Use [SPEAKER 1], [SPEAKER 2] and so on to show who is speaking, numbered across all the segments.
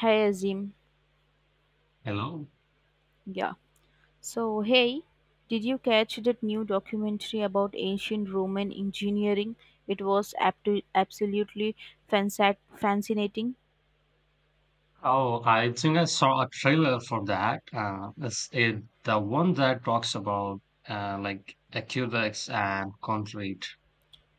[SPEAKER 1] Hey Azim,
[SPEAKER 2] Hello.
[SPEAKER 1] yeah. So hey, did you catch that new documentary about ancient Roman engineering? It was absolutely fascinating.
[SPEAKER 2] Oh, I think I saw a trailer for that. Is it the one that talks about like acudex and concrete?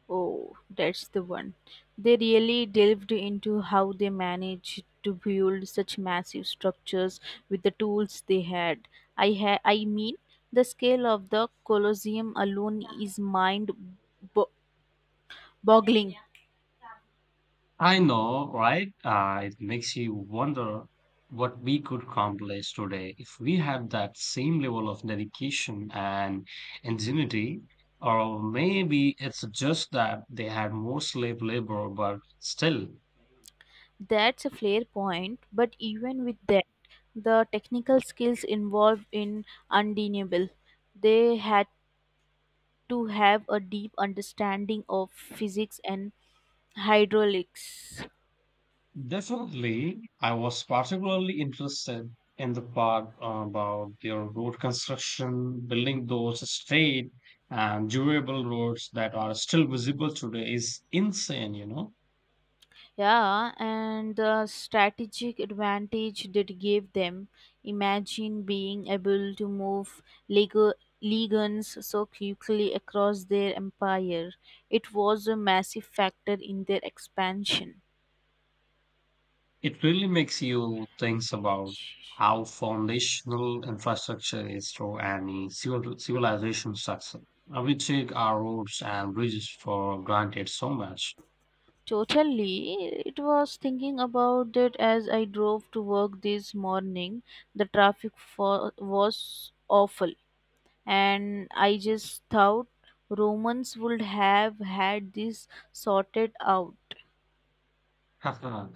[SPEAKER 1] Oh, that's the one. They really delved into how they managed to build such massive structures with the tools they had. I mean, the scale of the Colosseum alone is mind bo- boggling.
[SPEAKER 2] I know, right? It makes you wonder what we could accomplish today if we had that same level of dedication and ingenuity. Or maybe it's just that they had more slave labor, but still.
[SPEAKER 1] That's a fair point, but even with that, the technical skills involved in undeniable. They had to have a deep understanding of physics and hydraulics.
[SPEAKER 2] Definitely, I was particularly interested in the part about their road construction, building those straight and durable roads that are still visible today is insane.
[SPEAKER 1] Yeah, and the strategic advantage that gave them. Imagine being able to move Lego legions so quickly across their empire. It was a massive factor in their expansion.
[SPEAKER 2] It really makes you think about how foundational infrastructure is to any civilization success. We take our roads and bridges for granted so much.
[SPEAKER 1] Totally. It was thinking about that as I drove to work this morning. The was awful, and I just thought Romans would have had this sorted out.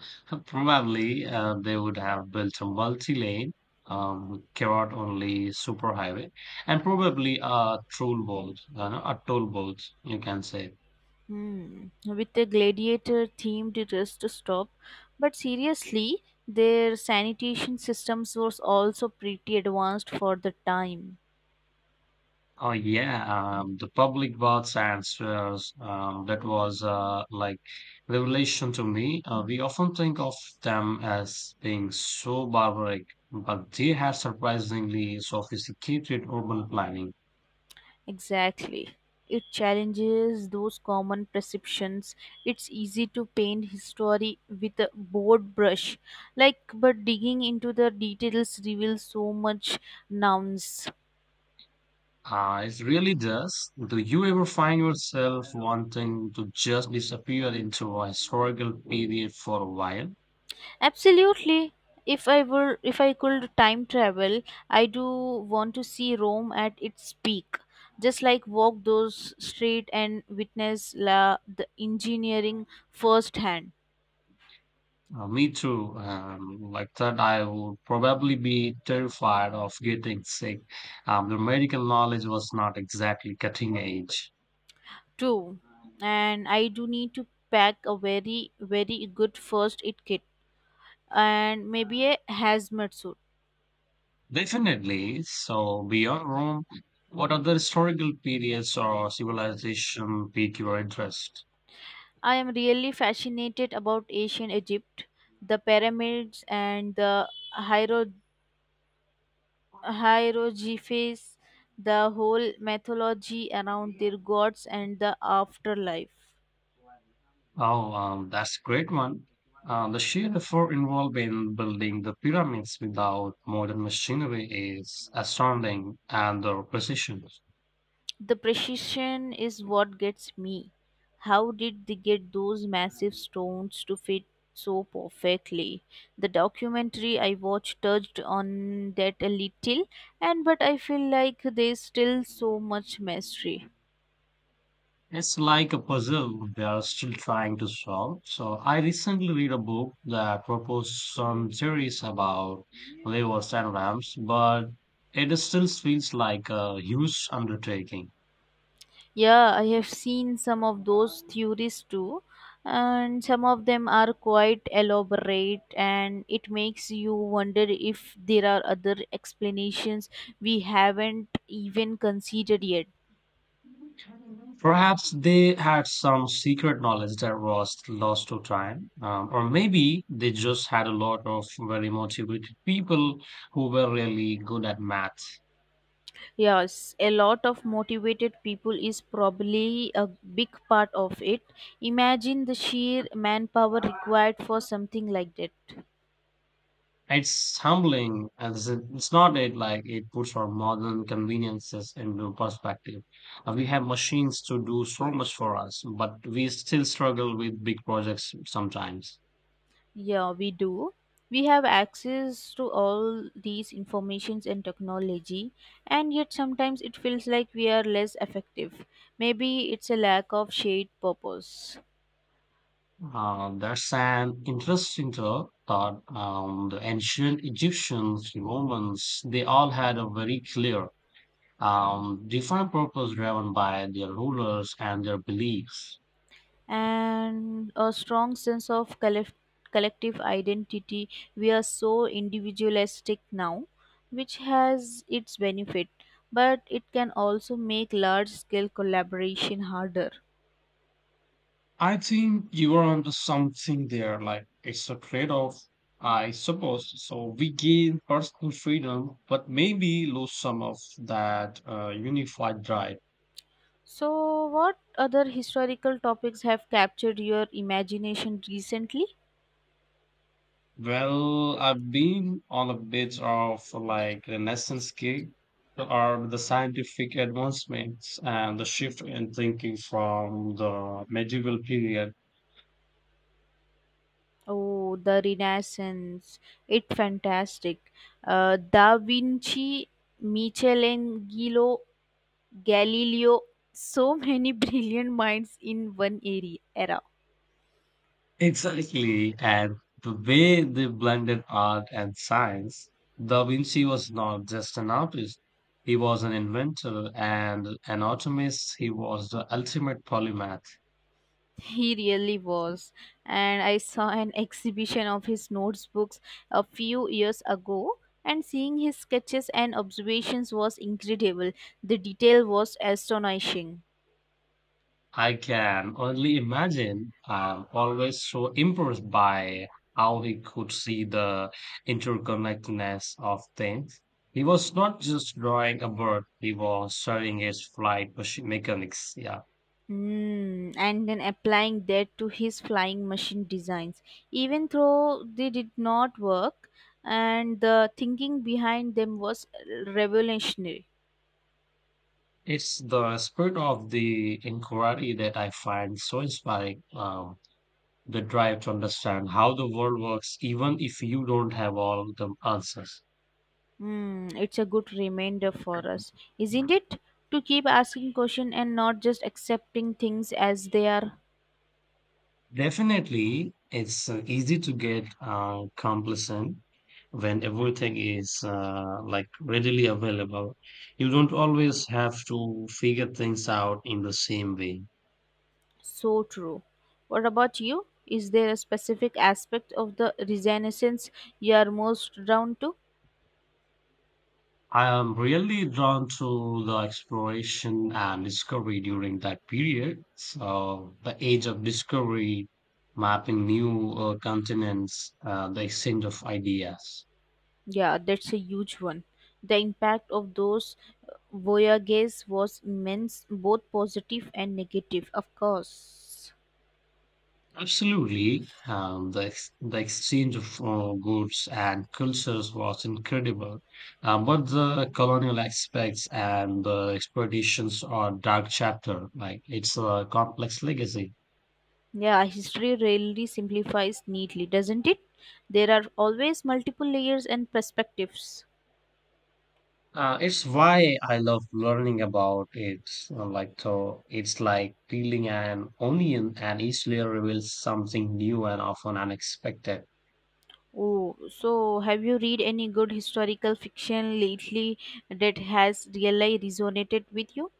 [SPEAKER 2] Probably they would have built a multi-lane, carrot-only superhighway, and probably a troll bolt, a toll bolt, you can say.
[SPEAKER 1] Hmm. With a gladiator themed rest stop. But seriously, their sanitation systems was also pretty advanced for the time.
[SPEAKER 2] Oh yeah, the public baths and sewers, that was like revelation to me. We often think of them as being so barbaric, but they had surprisingly sophisticated urban planning.
[SPEAKER 1] Exactly. It challenges those common perceptions. It's easy to paint history with a broad brush, like but digging into the details reveals so much nouns.
[SPEAKER 2] Ah, it really does. Do you ever find yourself wanting to just disappear into a historical period for a while?
[SPEAKER 1] Absolutely. If I could time travel, I do want to see Rome at its peak. Just like walk those streets and witness the engineering firsthand.
[SPEAKER 2] Me too. Like that, I would probably be terrified of getting sick. The medical knowledge was not exactly cutting edge.
[SPEAKER 1] True, and I do need to pack a very, very good first aid kit and maybe a hazmat suit.
[SPEAKER 2] Definitely. So, beyond Rome, what other historical periods or civilization pique your interest?
[SPEAKER 1] I am really fascinated about ancient Egypt, the pyramids and the hiero- hieroglyphs, the whole mythology around their gods and the afterlife.
[SPEAKER 2] Oh, that's a great one. The sheer effort involved in building the pyramids without modern machinery is astounding, and the precision.
[SPEAKER 1] The precision is what gets me. How did they get those massive stones to fit so perfectly? The documentary I watched touched on that a little, and but I feel like there's still so much mystery.
[SPEAKER 2] It's like a puzzle they are still trying to solve. So I recently read a book that proposed some theories about levers and ramps, but it still feels like a huge undertaking.
[SPEAKER 1] Yeah, I have seen some of those theories too, and some of them are quite elaborate, and it makes you wonder if there are other explanations we haven't even considered yet.
[SPEAKER 2] Perhaps they had some secret knowledge that was lost to time, or maybe they just had a lot of very motivated people who were really good at math.
[SPEAKER 1] Yes, a lot of motivated people is probably a big part of it. Imagine the sheer manpower required for something like that.
[SPEAKER 2] It's humbling as it's not it like it puts our modern conveniences into perspective. We have machines to do so much for us, but we still struggle with big projects sometimes.
[SPEAKER 1] Yeah, we do. We have access to all these informations and technology, and yet sometimes it feels like we are less effective. Maybe it's a lack of shared purpose.
[SPEAKER 2] There's an interesting thought. The ancient Egyptians, Romans, they all had a very clear, defined purpose driven by their rulers and their beliefs.
[SPEAKER 1] And a strong sense of collective identity. We are so individualistic now, which has its benefit, but it can also make large scale collaboration harder.
[SPEAKER 2] I think you are onto something there. Like it's a trade-off, I suppose. So we gain personal freedom, but maybe lose some of that unified drive.
[SPEAKER 1] So, what other historical topics have captured your imagination recently?
[SPEAKER 2] Well, I've been on a bit of like renaissance kick, or the scientific advancements and the shift in thinking from the medieval period.
[SPEAKER 1] Oh, the Renaissance. It's fantastic. Da Vinci, Michelangelo, Galileo, so many brilliant minds in era.
[SPEAKER 2] Exactly, and the way they blended art and science, Da Vinci was not just an artist, he was an inventor and an alchemist. He was the ultimate polymath.
[SPEAKER 1] He really was. And I saw an exhibition of his notebooks a few years ago, and seeing his sketches and observations was incredible. The detail was astonishing.
[SPEAKER 2] I can only imagine. I'm always so impressed by how he could see the interconnectedness of things. He was not just drawing a bird, he was studying its flight mechanics. Yeah.
[SPEAKER 1] Hmm, and then applying that to his flying machine designs. Even though they did not work, and the thinking behind them was revolutionary.
[SPEAKER 2] It's the spirit of the inquiry that I find so inspiring. The drive to understand how the world works, even if you don't have all the answers.
[SPEAKER 1] Hmm, it's a good reminder for us, isn't it? To keep asking questions and not just accepting things as they are
[SPEAKER 2] Definitely, it's easy to get complacent when everything is like readily available. You don't always have to figure things out in the same way.
[SPEAKER 1] so true. What about you? Is there a specific aspect of the Renaissance you are most drawn to?
[SPEAKER 2] I am really drawn to the exploration and discovery during that period. So, the age of discovery, mapping new continents, the exchange of ideas.
[SPEAKER 1] Yeah, that's a huge one. The impact of those voyages was immense, both positive and negative, of course.
[SPEAKER 2] Absolutely. The exchange of goods and cultures was incredible. But the colonial aspects and the exploitations are dark chapter. Like, it's a complex legacy.
[SPEAKER 1] Yeah, history really simplifies neatly, doesn't it? There are always multiple layers and perspectives.
[SPEAKER 2] It's why I love learning about it. Like so, it's like peeling an onion, and each layer reveals something new and often unexpected.
[SPEAKER 1] Oh, so have you read any good historical fiction lately that has really resonated with you?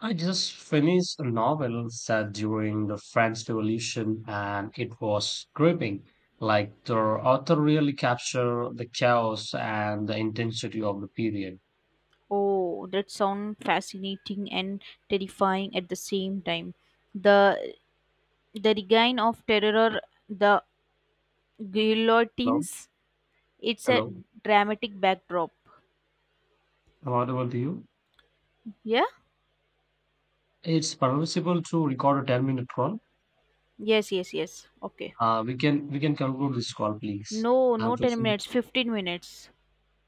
[SPEAKER 2] I just finished a novel set during the French Revolution, and it was gripping. Like the author really captured the chaos and the intensity of the period.
[SPEAKER 1] Oh, that sounds fascinating and terrifying at the same time. The the regain of terror, the
[SPEAKER 2] Hello,
[SPEAKER 1] guillotines. It's a
[SPEAKER 2] hello,
[SPEAKER 1] dramatic backdrop.
[SPEAKER 2] am I audible to you?
[SPEAKER 1] Yeah.
[SPEAKER 2] It's permissible to record a 10-minute call.
[SPEAKER 1] Yes. Yes. Yes. Okay.
[SPEAKER 2] We can conclude this call, please.
[SPEAKER 1] No, no,
[SPEAKER 2] I'm
[SPEAKER 1] 10
[SPEAKER 2] facing
[SPEAKER 1] minutes, 15 minutes.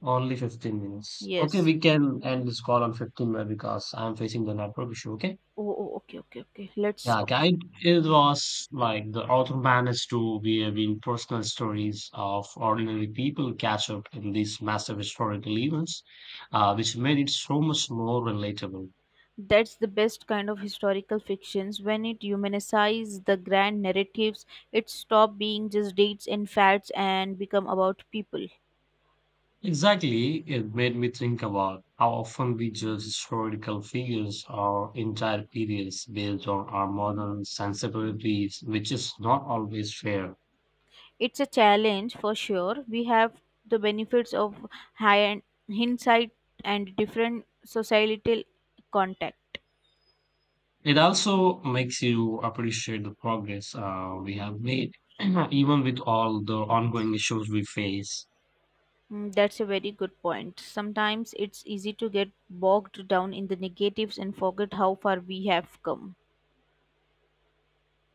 [SPEAKER 2] only 15 minutes. Okay,
[SPEAKER 1] Yes.
[SPEAKER 2] we can end this call on 15 minutes because I'm facing the network issue. Okay.
[SPEAKER 1] Oh, oh, okay, okay, okay. Let's,
[SPEAKER 2] Yeah,
[SPEAKER 1] okay.
[SPEAKER 2] okay, it was like the author managed to weave in personal stories of ordinary people catch up in these massive historical events, which made it so much more relatable.
[SPEAKER 1] That's the best kind of historical fictions. When it humanizes the grand narratives, it stops being just dates and facts and become about people.
[SPEAKER 2] Exactly, it made me think about how often we judge historical figures or entire periods based on our modern sensibilities, which is not always fair.
[SPEAKER 1] It's a challenge for sure. We have the benefits of high hindsight and different societal contact.
[SPEAKER 2] It also makes you appreciate the progress we have made, even with all the ongoing issues we face.
[SPEAKER 1] Mm, that's a very good point. Sometimes it's easy to get bogged down in the negatives and forget how far we have come.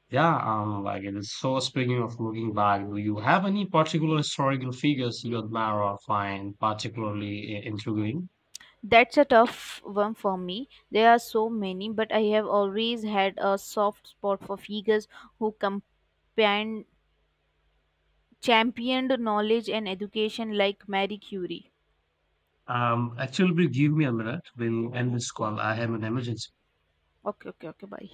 [SPEAKER 2] Yeah, like it is. So, speaking of looking back, do you have any particular historical figures you admire or find particularly intriguing?
[SPEAKER 1] That's a tough one for me. There are so many, but I have always had a soft spot for figures who championed knowledge and education like Marie Curie.
[SPEAKER 2] Actually, please give me a minute. We'll end this call. I have an emergency.
[SPEAKER 1] Okay, okay, okay, bye.